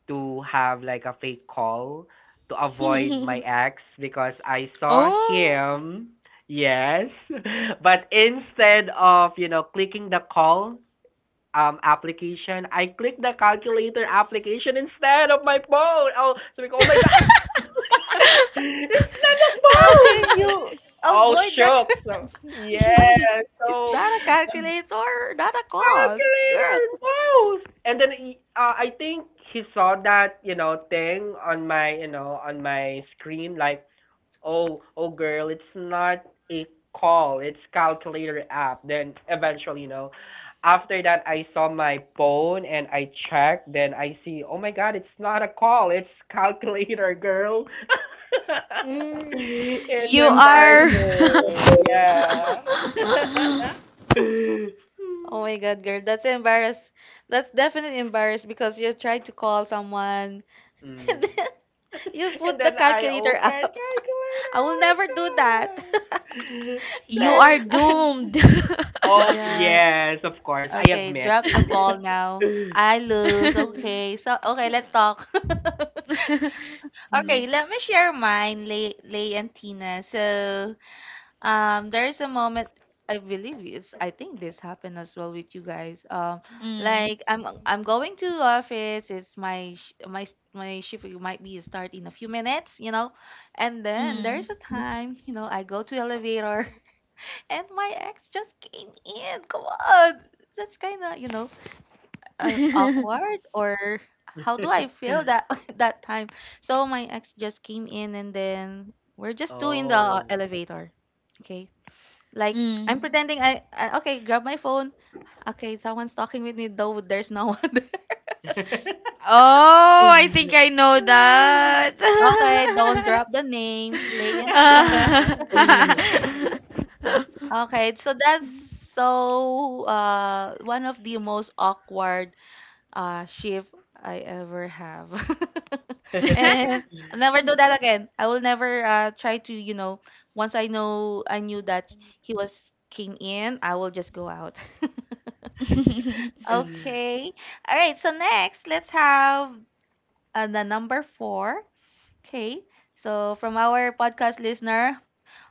Speaker 3: to have like a fake call to
Speaker 1: Mm.
Speaker 3: avoid my ex because I saw
Speaker 2: Oh.
Speaker 3: him. Yes. But instead of, you know, clicking the call application, I clicked the calculator application instead of my phone. Oh, so we go. Oh my God! It's not a
Speaker 1: How can
Speaker 3: phone!
Speaker 1: you
Speaker 3: Oh,
Speaker 1: avoid that?
Speaker 3: shook. So,
Speaker 1: What's
Speaker 3: yes.
Speaker 1: is
Speaker 3: So,
Speaker 1: that a calculator? Not a clock.
Speaker 3: calculator,
Speaker 1: Girl,
Speaker 3: wow! And then I think he saw that you know thing on my you know on my screen like oh oh girl it's not a call it's calculator app. Then eventually you know after that I saw my phone and I checked. Then I see oh my god it's not a call it's calculator girl.
Speaker 2: Mm.
Speaker 3: It's
Speaker 2: You are
Speaker 3: embarrassing. Yeah.
Speaker 1: oh my God, girl, that's embarrassed. That's definitely embarrassed because you tried to call someone and
Speaker 3: Mm.
Speaker 1: then you
Speaker 3: And
Speaker 1: put the
Speaker 3: then I
Speaker 1: calculator
Speaker 3: old fashioned
Speaker 1: up.
Speaker 3: calculator.
Speaker 1: I
Speaker 3: Oh
Speaker 1: will
Speaker 3: my
Speaker 1: never do that.
Speaker 3: god.
Speaker 2: you
Speaker 1: That-
Speaker 3: So
Speaker 2: are
Speaker 3: you,
Speaker 2: doomed.
Speaker 3: oh
Speaker 1: yeah.
Speaker 3: yes, of course. I
Speaker 1: Okay,
Speaker 3: admit.
Speaker 1: drop the ball now. I lose. Okay. So, okay, let's talk.
Speaker 3: Mm.
Speaker 1: Okay, let me share mine, Lay, Lay and Tina. So, um, there is a moment, I believe it's, I think this happened as well with you guys.
Speaker 2: Mm,
Speaker 1: Like I'm going to the office. It's my sh- my s- my shift might be start in a few minutes, you know, and then
Speaker 2: mm.
Speaker 1: there's a time, you know, I go to elevator and my ex just came in. Come on, that's kind of, you know, awkward or how do I feel that that time? So my ex just came in and then we're just two in the
Speaker 3: Oh.
Speaker 1: elevator, okay, like I'm
Speaker 2: Mm.
Speaker 1: pretending I okay, grab my phone. Okay, someone's talking with me though there's no one there.
Speaker 2: Oh, I think I know that.
Speaker 1: Okay, don't drop the name, Lay and Tina.
Speaker 2: Uh,
Speaker 1: Okay, so that's so uh, one of the most awkward uh, shift I ever have. And I'll never do that again. I will never uh, try to, you know, once I knew that he was came in, I will just go out. Okay. All right. So next, let's have and the number four. Okay. So from our podcast listener,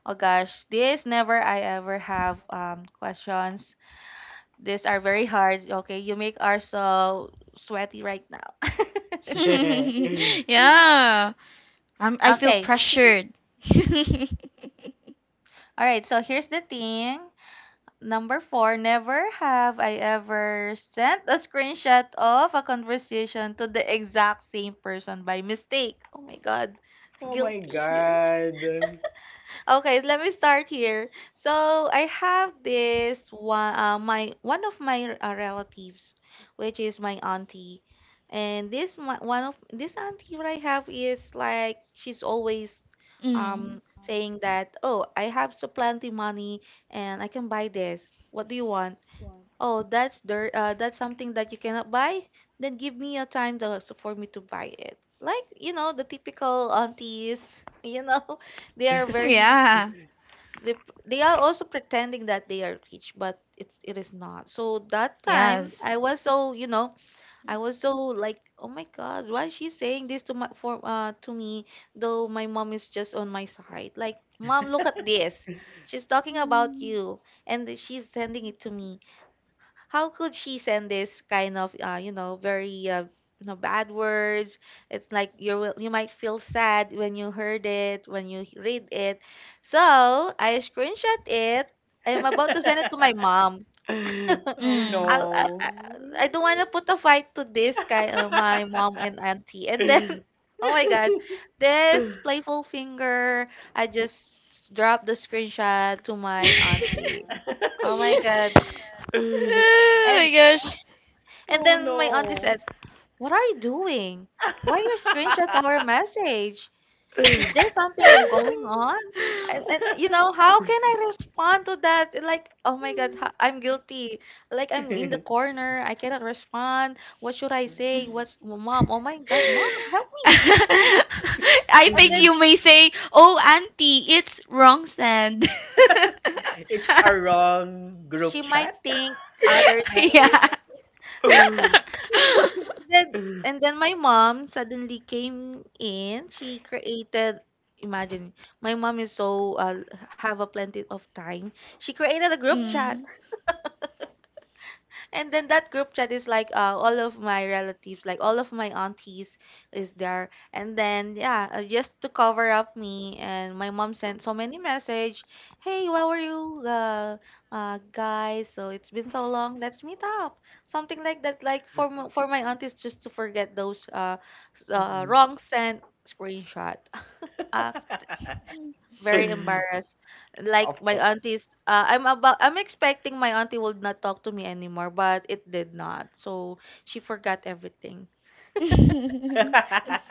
Speaker 1: oh gosh, this never I ever have um, questions. These are very hard. Okay, you make us so sweaty right now.
Speaker 2: yeah. I'm, I feel
Speaker 1: Okay.
Speaker 2: pressured.
Speaker 1: All right. So here's the thing. Number four, never have I ever sent a screenshot of a conversation to the exact same person by mistake. Oh my God.
Speaker 3: Oh my
Speaker 1: Guilty here.
Speaker 3: god.
Speaker 1: Okay, let me start here. So I have this one, my one of my relatives, which is my auntie, and this my, one of this auntie what I have is like she's always
Speaker 2: Mm.
Speaker 1: um, saying that, oh, I have so plenty money and I can buy this. What do you want? Oh, that's dirt. That's something that you cannot buy. Then give me a time to, so for me to buy it. Like you know the typical aunties, you know they are very
Speaker 2: Yeah.
Speaker 1: they they are also pretending that they are rich but it's, it is not. So that time
Speaker 2: Yes.
Speaker 1: I was so, you know, I was so like, oh my God, why is she saying this to my for uh, to me, though my mom is just on my side. Like, mom, look at this, she's talking about you, and th- she's sending it to me. How could she send this kind of you know, very you know, bad words? It's like you will, you might feel sad when you heard it, when you h- read it. So I screenshot it, I'm about to send it to my mom.
Speaker 3: Oh
Speaker 1: I,
Speaker 2: Mm.
Speaker 1: I
Speaker 3: no.
Speaker 1: I don't want to put a fight to this guy, my mom and auntie, and then oh my God, this playful finger, I just s- dropped the screenshot to my auntie. Oh my God.
Speaker 2: Oh my
Speaker 1: and
Speaker 2: gosh.
Speaker 1: and
Speaker 3: Oh
Speaker 1: then my
Speaker 3: no.
Speaker 1: auntie says, what are you doing? Why you screenshot our message? Is there something going on? And you know, how can I respond to that? Like, oh my God, ha- I'm guilty. Like, I'm in the corner. I cannot respond. What should I say? What's mom? Oh my God, mom, help me.
Speaker 2: I
Speaker 1: And
Speaker 2: think
Speaker 1: then
Speaker 2: you may say, "Oh, auntie, it's wrong sand."
Speaker 3: It's a wrong group
Speaker 1: she might
Speaker 3: chat.
Speaker 1: think other than.
Speaker 2: Yeah.
Speaker 1: Then and then my mom suddenly came in. She created, imagine, my mom is so have a plenty of time. She created a group chat,
Speaker 2: Mm.
Speaker 1: and then that group chat is like all of my relatives, like all of my aunties is there. And then yeah, just to cover up me, and my mom sent so many message. Hey, how are you, guys? So it's been so long. Let's meet up. Something like that. Like for m- for my aunties, just to forget those s- uh, wrong sent screenshot. Very embarrassed.
Speaker 3: Of
Speaker 1: Like my
Speaker 3: course.
Speaker 1: auntie's, I'm about, I'm expecting my auntie would not talk to me anymore, but it did not. So she forgot everything.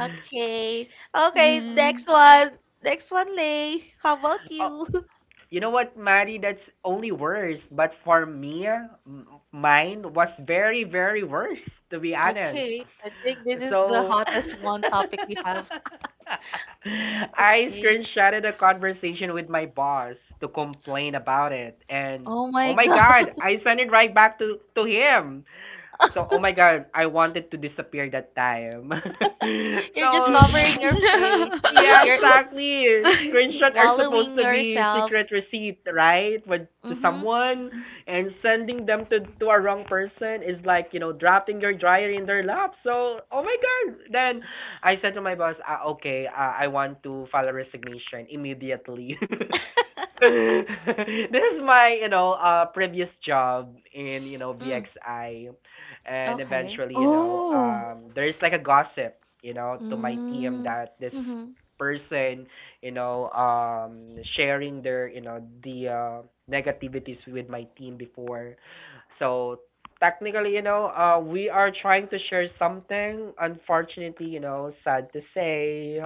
Speaker 1: Okay, okay.
Speaker 2: Mm.
Speaker 1: Next one, Lay. How about
Speaker 3: O-
Speaker 1: you?
Speaker 3: You know what, Maddie? That's only worse. But for me, mine was very, very worse, to be honest.
Speaker 1: Okay, I think this is the
Speaker 3: So
Speaker 1: hottest one topic we have.
Speaker 3: I
Speaker 1: Okay.
Speaker 3: screenshotted a conversation with my boss to complain about it. And
Speaker 1: Oh
Speaker 3: oh
Speaker 1: my
Speaker 3: my
Speaker 1: God.
Speaker 3: God, I sent it right back to him. So, oh my God, I wanted to disappear that time.
Speaker 1: You're
Speaker 3: So,
Speaker 1: just covering your face.
Speaker 3: yeah,
Speaker 1: You're
Speaker 3: exactly. Screenshot are supposed
Speaker 1: swallowing
Speaker 3: to be
Speaker 1: yourself.
Speaker 3: secret receipt, right? With to
Speaker 1: Mm-hmm.
Speaker 3: someone and sending them to a wrong person is like, you know, dropping your dryer in their lap. So, oh my god. Then I said to my boss, ah, okay, I want to file a resignation immediately. This is my, you know, previous job in, you know,
Speaker 1: Mm,
Speaker 3: VXI. And
Speaker 1: okay.
Speaker 3: eventually, you know,
Speaker 2: Oh.
Speaker 3: there's like a gossip, you know, to my team that this
Speaker 1: Mm-hmm.
Speaker 3: person, you know, sharing their, you know, the negativities with my team before. So technically, you know, we are trying to share something. Unfortunately, you know, sad to say,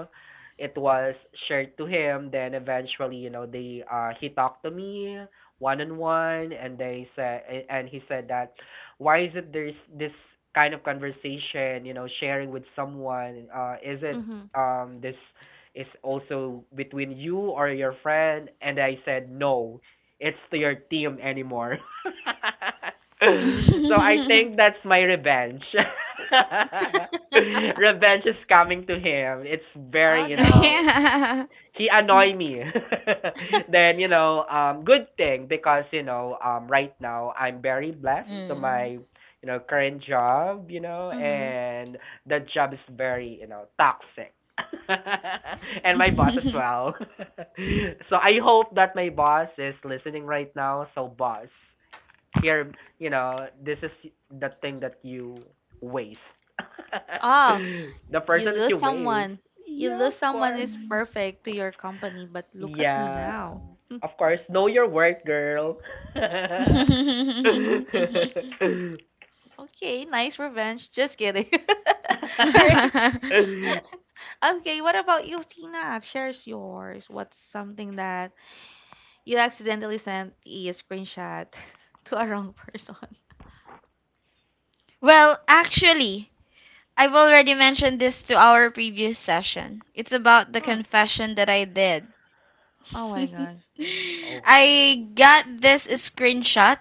Speaker 3: it was shared to him. Then eventually, you know, they he talked to me one on one, and they said, and he said that, why is it there's this kind of conversation, you know, sharing with someone? Is it
Speaker 1: Mm-hmm.
Speaker 3: this is also between you or your friend? And I said no it's to your team anymore. So I think that's my revenge. Revenge is coming to him. It's very,
Speaker 1: Oh
Speaker 3: you
Speaker 1: no.
Speaker 3: know,
Speaker 2: Yeah.
Speaker 3: he annoy me. Then you know, good thing because you know, right now I'm very blessed to my
Speaker 2: Mm.
Speaker 3: you know current job, you know,
Speaker 1: Mm-hmm.
Speaker 3: and the job is very you know toxic. And my boss as well. So I hope that my boss is listening right now. So boss, here, you know, this is the thing that you waste.
Speaker 1: Oh,
Speaker 3: The
Speaker 1: you
Speaker 3: person that you
Speaker 1: lose
Speaker 3: waste.
Speaker 1: someone. You
Speaker 3: Yeah,
Speaker 1: lose
Speaker 3: of
Speaker 1: someone
Speaker 3: course.
Speaker 1: is perfect to your company, but look at me
Speaker 3: Yeah.
Speaker 1: now.
Speaker 3: Of course, know your worth, girl.
Speaker 1: Okay, nice revenge. Just kidding. All right. Okay, what about you, Tina? Shares yours. What's something that you accidentally sent a screenshot to a wrong person?
Speaker 2: Well, actually, I've already mentioned this to our previous session. It's about the
Speaker 1: Mm.
Speaker 2: confession that I did.
Speaker 1: Oh my gosh.
Speaker 3: Oh.
Speaker 2: I got this screenshot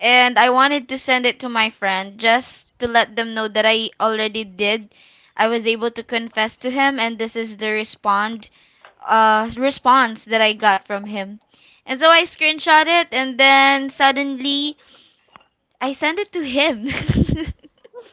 Speaker 2: and I wanted to send it to my friend just to let them know that I already did. I was able to confess to him and this is the respond response that I got from him. And so I screenshot it and then suddenly I sent it to him.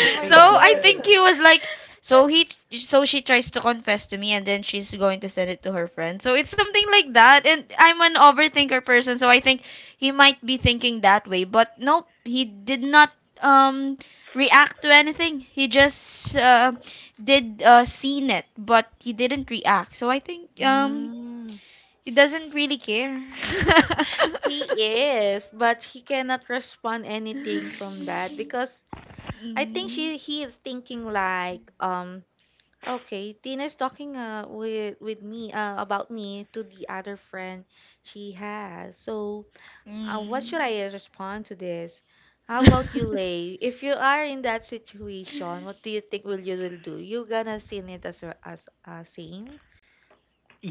Speaker 1: Oh my
Speaker 2: So
Speaker 1: God.
Speaker 2: I think he was like, so he, so she tries to confess to me, and then she's going to send it to her friend. So it's something like that. And I'm an overthinker person, so I think he might be thinking that way. But nope, he did not um react to anything. He just did seen it, but he didn't react. So I think
Speaker 1: Mm.
Speaker 2: he doesn't really care.
Speaker 1: He is, but he cannot respond anything from that because I think
Speaker 2: Mm,
Speaker 1: she he is thinking like, um, okay, Tina is talking uh, with me, uh, about me to the other friend she has. So what should
Speaker 2: mm.
Speaker 1: I respond to this? How about you, Lay? If you are in that situation, what do you think? Will you, will do, you gonna seen it as well, as same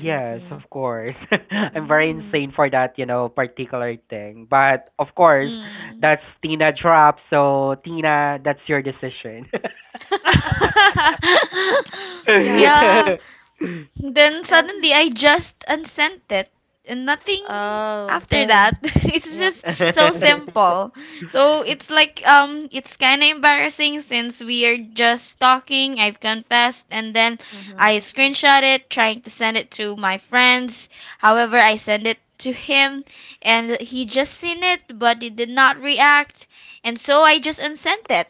Speaker 1: same
Speaker 3: of
Speaker 1: thing?
Speaker 3: course. I'm very
Speaker 1: Mm.
Speaker 3: insane for that, you know, particular thing. But of course,
Speaker 2: 嗯，
Speaker 3: that's Tina drop. So Tina, that's your decision.
Speaker 1: Yes.
Speaker 2: 呀。Then
Speaker 1: That's,
Speaker 2: suddenly I just unsent it and nothing
Speaker 1: oh,
Speaker 2: after Yeah. that. It's
Speaker 1: yep.
Speaker 2: just so simple. So it's like it's kind of embarrassing since we are just talking, I've confessed, and then
Speaker 1: Mm-hmm.
Speaker 2: I screenshot it trying to send it to my friends. However, I send it to him and he just seen it but he did not react and so I just unsent it.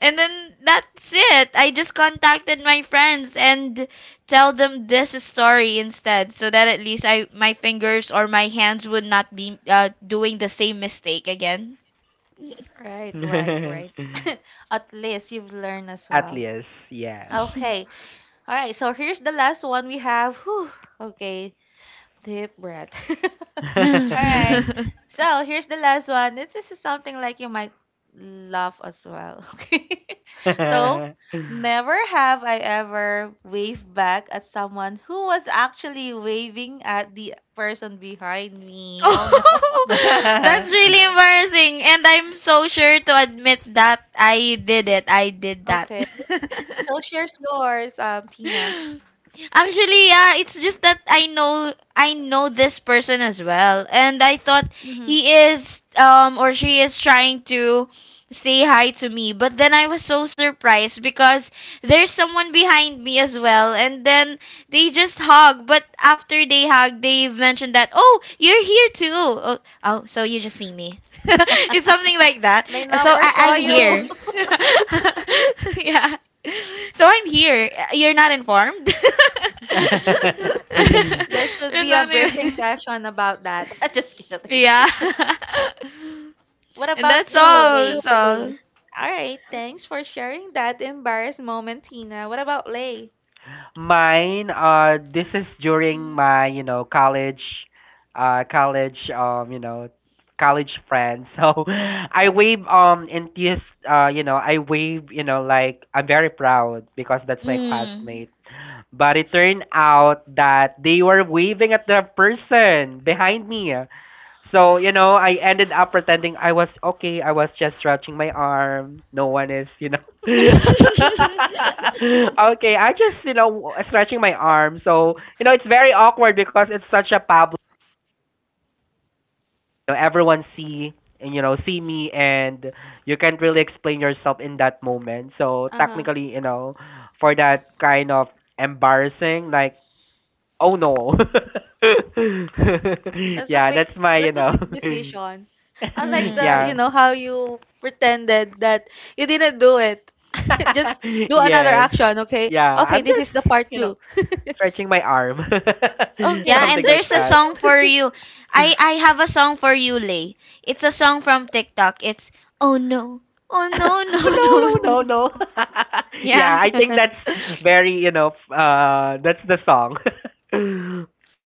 Speaker 2: And then that's it. I just contacted my friends and tell them this story instead so that at least I my fingers or my hands would not be doing the same mistake again.
Speaker 1: Right, right, right. At least you've learned as
Speaker 3: At
Speaker 1: well.
Speaker 3: least, yes.
Speaker 1: Okay. All right. So here's the last one we have. Whew. Okay. Deep breath.
Speaker 2: No.
Speaker 1: All right. So here's the last one. This is something like you might laugh as well. Okay. So never have I ever waved back at someone who was actually waving at the person behind me. Oh no.
Speaker 2: Oh, that's really embarrassing and I'm so sure to admit that I did it. I did that.
Speaker 1: Okay. So here's yours, Tina.
Speaker 2: Actually, yeah, it's just that I know this person as well, and I thought
Speaker 1: Mm-hmm.
Speaker 2: he is or she is trying to say hi to me, but then I was so surprised because there's someone behind me as well, and then they just hug. But after they hug, they mentioned that oh you're here too. Oh, oh so you just see me. It's something like that.
Speaker 1: They
Speaker 2: So
Speaker 1: never
Speaker 2: I,
Speaker 1: saw
Speaker 2: I'm
Speaker 1: you.
Speaker 2: here. Yeah. So I'm here. You're not informed?
Speaker 1: There should
Speaker 2: You're
Speaker 1: be a
Speaker 2: not
Speaker 1: briefing
Speaker 2: in-
Speaker 1: session about that. Just kidding.
Speaker 2: yeah.
Speaker 1: What
Speaker 2: And
Speaker 1: about
Speaker 2: that's
Speaker 1: you,
Speaker 2: all. That's
Speaker 1: Lay?
Speaker 2: all.
Speaker 1: All right, thanks for sharing that embarrassed moment, Tina. What about Lay?
Speaker 3: Mine, this is during my, you know, college, you know, college friends. So I wave, you know, I wave, you know, like I'm very proud because that's my
Speaker 2: Mm.
Speaker 3: classmate. But it turned out that they were waving at the person behind me. So, you know, I ended up pretending I was okay. I was just stretching my arm. No one is, you know. Okay, I just, you know, stretching my arm. So, you know, it's very awkward because it's such a public. You know, everyone see and you know see me and you can't really explain yourself in that moment so
Speaker 1: Uh-huh.
Speaker 3: technically you know for that kind of embarrassing like oh no.
Speaker 1: That's a
Speaker 3: Yeah,
Speaker 1: quick
Speaker 3: that's my, you
Speaker 1: that's a
Speaker 3: know.
Speaker 1: quick decision. I like
Speaker 3: Yeah.
Speaker 2: Mm.
Speaker 1: how you pretended that you didn't do it. Just do another
Speaker 3: Yes.
Speaker 1: action, okay?
Speaker 3: Yeah,
Speaker 1: Okay,
Speaker 3: I'm
Speaker 1: this is the
Speaker 3: just,
Speaker 1: part
Speaker 3: you know,
Speaker 1: two.
Speaker 3: stretching my arm.
Speaker 2: Yeah,
Speaker 1: Okay,
Speaker 3: Something
Speaker 2: and
Speaker 1: just
Speaker 3: like
Speaker 2: there's a
Speaker 1: fresh.
Speaker 3: that.
Speaker 2: song for you. I have a song for you, Lay. It's a song from TikTok. It's oh no, oh no, no,
Speaker 3: No,
Speaker 2: no,
Speaker 3: no,
Speaker 2: no.
Speaker 3: no, no. Yeah,
Speaker 2: Yeah.
Speaker 3: I think that's very, you know, that's the song.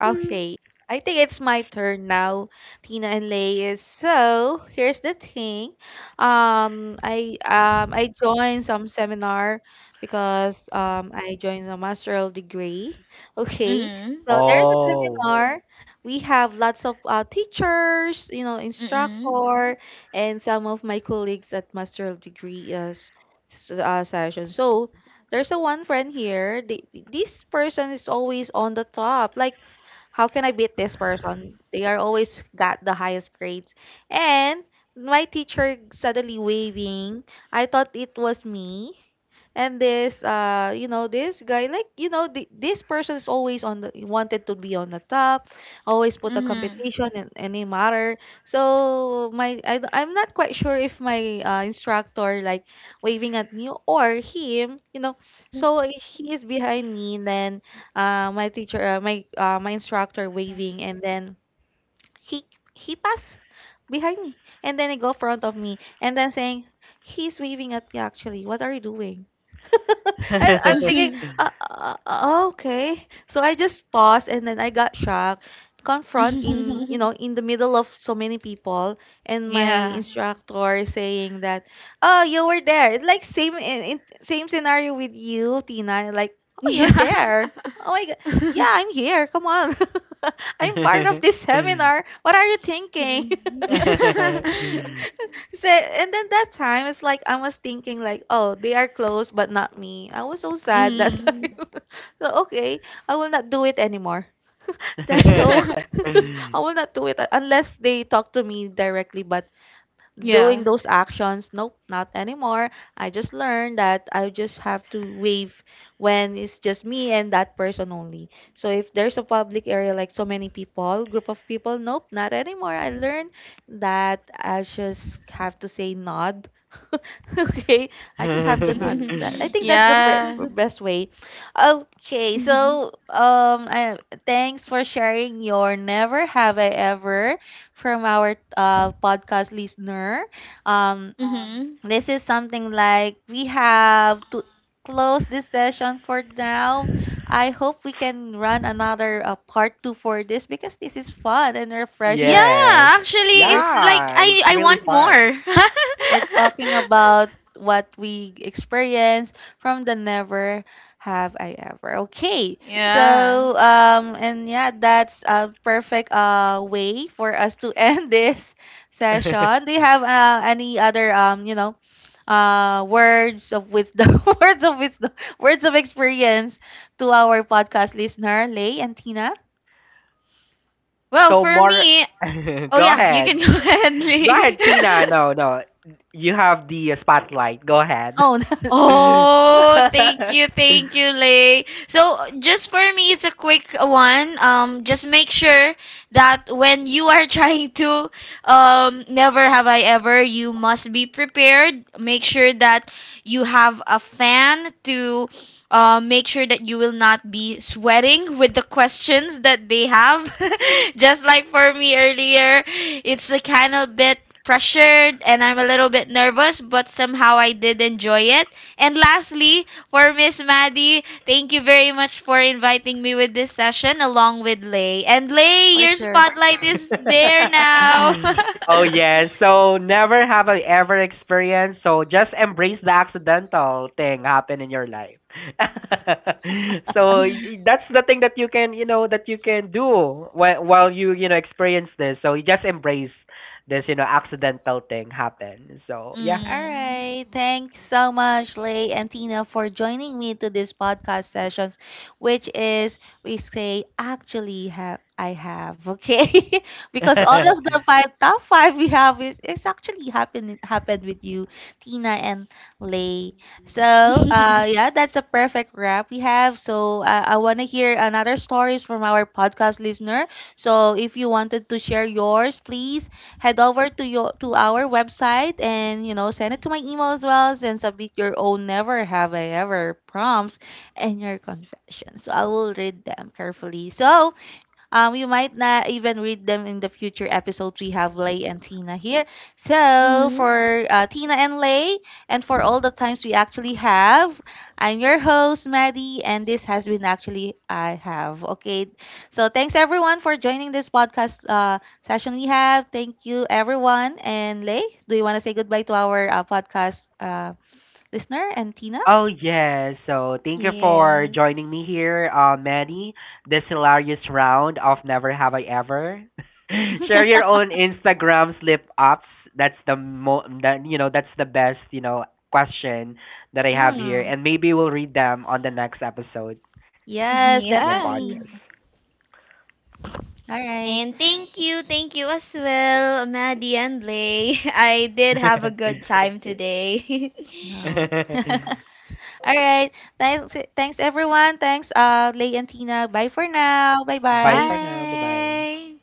Speaker 1: Okay. I think it's my turn now, Tina and Lay. So here's the thing. I joined some seminar because I joined a master's degree. Okay.
Speaker 2: Mhm.
Speaker 1: So there's a
Speaker 3: Oh.
Speaker 1: seminar. We have lots of teachers, you know,
Speaker 2: Mhm.
Speaker 1: instructor, and some of my colleagues at master's degree session. So there's a one friend here. The, this person is always on the top. Like how can I beat this person? They are always got the highest grades. And my teacher suddenly waving. I thought it was me. And this guy, like, you know, the, this person is always on the, wanted to be on the top, always put a
Speaker 2: Mhm.
Speaker 1: competition in any matter. So I'm not quite sure if my instructor like waving at me or him, you know. So he is behind me, and then my instructor waving, and then he, he passed behind me, and then he go front of me, and then saying, he's waving at me actually. What are you doing? I'm thinking,
Speaker 2: Mhm.
Speaker 1: okay. So I just paused and then I got shocked. Confront in, you know, in the middle of so many people and my
Speaker 2: Yeah.
Speaker 1: instructor saying that, oh, you were there. It's like same same scenario with you, Tina. Like, oh, you're
Speaker 2: Yeah.
Speaker 1: there. Oh my God. Yeah, I'm here. Come on. I'm part of this seminar. What are you thinking?
Speaker 2: Mhm.
Speaker 1: So, and then that time, it's like I was thinking like, oh, they are close, but not me. I was so sad that
Speaker 2: Mhm.
Speaker 1: I, so okay, I will not do it anymore. That's so, I will not do it unless they talk to me directly. But
Speaker 2: Yeah.
Speaker 1: doing those actions. Nope, not anymore. I just learned that I just have to wave when it's just me and that person only. So if there's a public area like so many people, group of people, nope, not anymore. I learned that I just have to say nod. Okay, I just have to nod that. I think that's
Speaker 2: Yeah.
Speaker 1: best way. Okay,
Speaker 2: Mhm.
Speaker 1: so thanks for sharing your never have I ever from our podcast listener. Um,
Speaker 2: Mhm.
Speaker 1: this is something like we have to close this session for now. I hope we can run another part two for this because this is fun and
Speaker 2: Yeah,
Speaker 1: refreshing.
Speaker 3: Yes.
Speaker 2: actually it's like
Speaker 3: Yeah, it's
Speaker 2: I
Speaker 3: really
Speaker 2: want more.
Speaker 3: fun.
Speaker 1: We're talking about what we experience from the never have I ever. Okay. So
Speaker 2: Yeah.
Speaker 1: and yeah, that's a perfect way for us to end this session. Do you have any other words of wisdom, words of wisdom, words of experience to our podcast listener, Lay and Tina?
Speaker 2: Well,
Speaker 3: So
Speaker 2: for
Speaker 3: more
Speaker 2: me, oh
Speaker 3: go
Speaker 2: yeah, you can
Speaker 3: ahead.
Speaker 2: go ahead,
Speaker 3: Go
Speaker 2: Lee.
Speaker 3: ahead, Tina. No, no. You have the spotlight. Go ahead.
Speaker 1: Oh,
Speaker 2: Oh, thank you, Lay. So, just for me, it's a quick one. Just make sure that when you are trying to, never have I ever, you must be prepared. Make sure that you have a fan to make sure that you will not be sweating with the questions that they have. Just like for me earlier, it's a kind of bit pressured and I'm a little bit nervous, but somehow I did enjoy it. And lastly, for Miss Maddie, thank you very much for inviting me with this session along with Lay. And Lay,
Speaker 1: for
Speaker 2: your
Speaker 1: sure.
Speaker 2: spotlight is there now.
Speaker 3: Oh yeah. So never have I ever experienced. So just embrace the accidental thing happen in your life. So that's the thing that you can you know that you can do while you know experience this. So you just embrace this you know accidental thing happen. So yeah.
Speaker 1: All
Speaker 2: Mm.
Speaker 1: right. Thanks so much, Lay and Tina, for joining me to this podcast sessions, which is we say actually have I have okay because all of the five top five we have is actually happened with you, Tina and Lay. So yeah, that's a perfect wrap we have. So I want to hear another stories from our podcast listener. So if you wanted to share yours, please head over to your to our website and you know send it to my email as well and submit your own never have I ever prompts and your confessions. So I will read them carefully. So you might not even read them in the future episodes. We have Lay and Tina here. So
Speaker 2: Mm-hmm.
Speaker 1: for Tina and Lay, and for all the times we actually have, I'm your host Maddie, and this has been actually I have. Okay, so thanks everyone for joining this podcast session we have. Thank you everyone. And Lay, do you want to say goodbye to our podcast listener and Tina?
Speaker 3: Oh yes, so thank you for joining me here, Manny. This hilarious round of Never Have I Ever. Share your own Instagram slip ups. That's the mo that you know that's the best you know question that I have here,
Speaker 1: Mm,
Speaker 3: and maybe we'll read them on the next episode
Speaker 1: yes,
Speaker 3: in your
Speaker 2: Yeah.
Speaker 1: definitely.
Speaker 3: podcast.
Speaker 1: All right.
Speaker 2: And thank you as well, Maddie and Lay. I did have a good time today.
Speaker 1: No. All right. Thanks, thanks everyone. Thanks, Lay and Tina. Bye for now. Bye
Speaker 3: Bye for
Speaker 1: bye.
Speaker 3: now. Bye bye.
Speaker 2: Bye.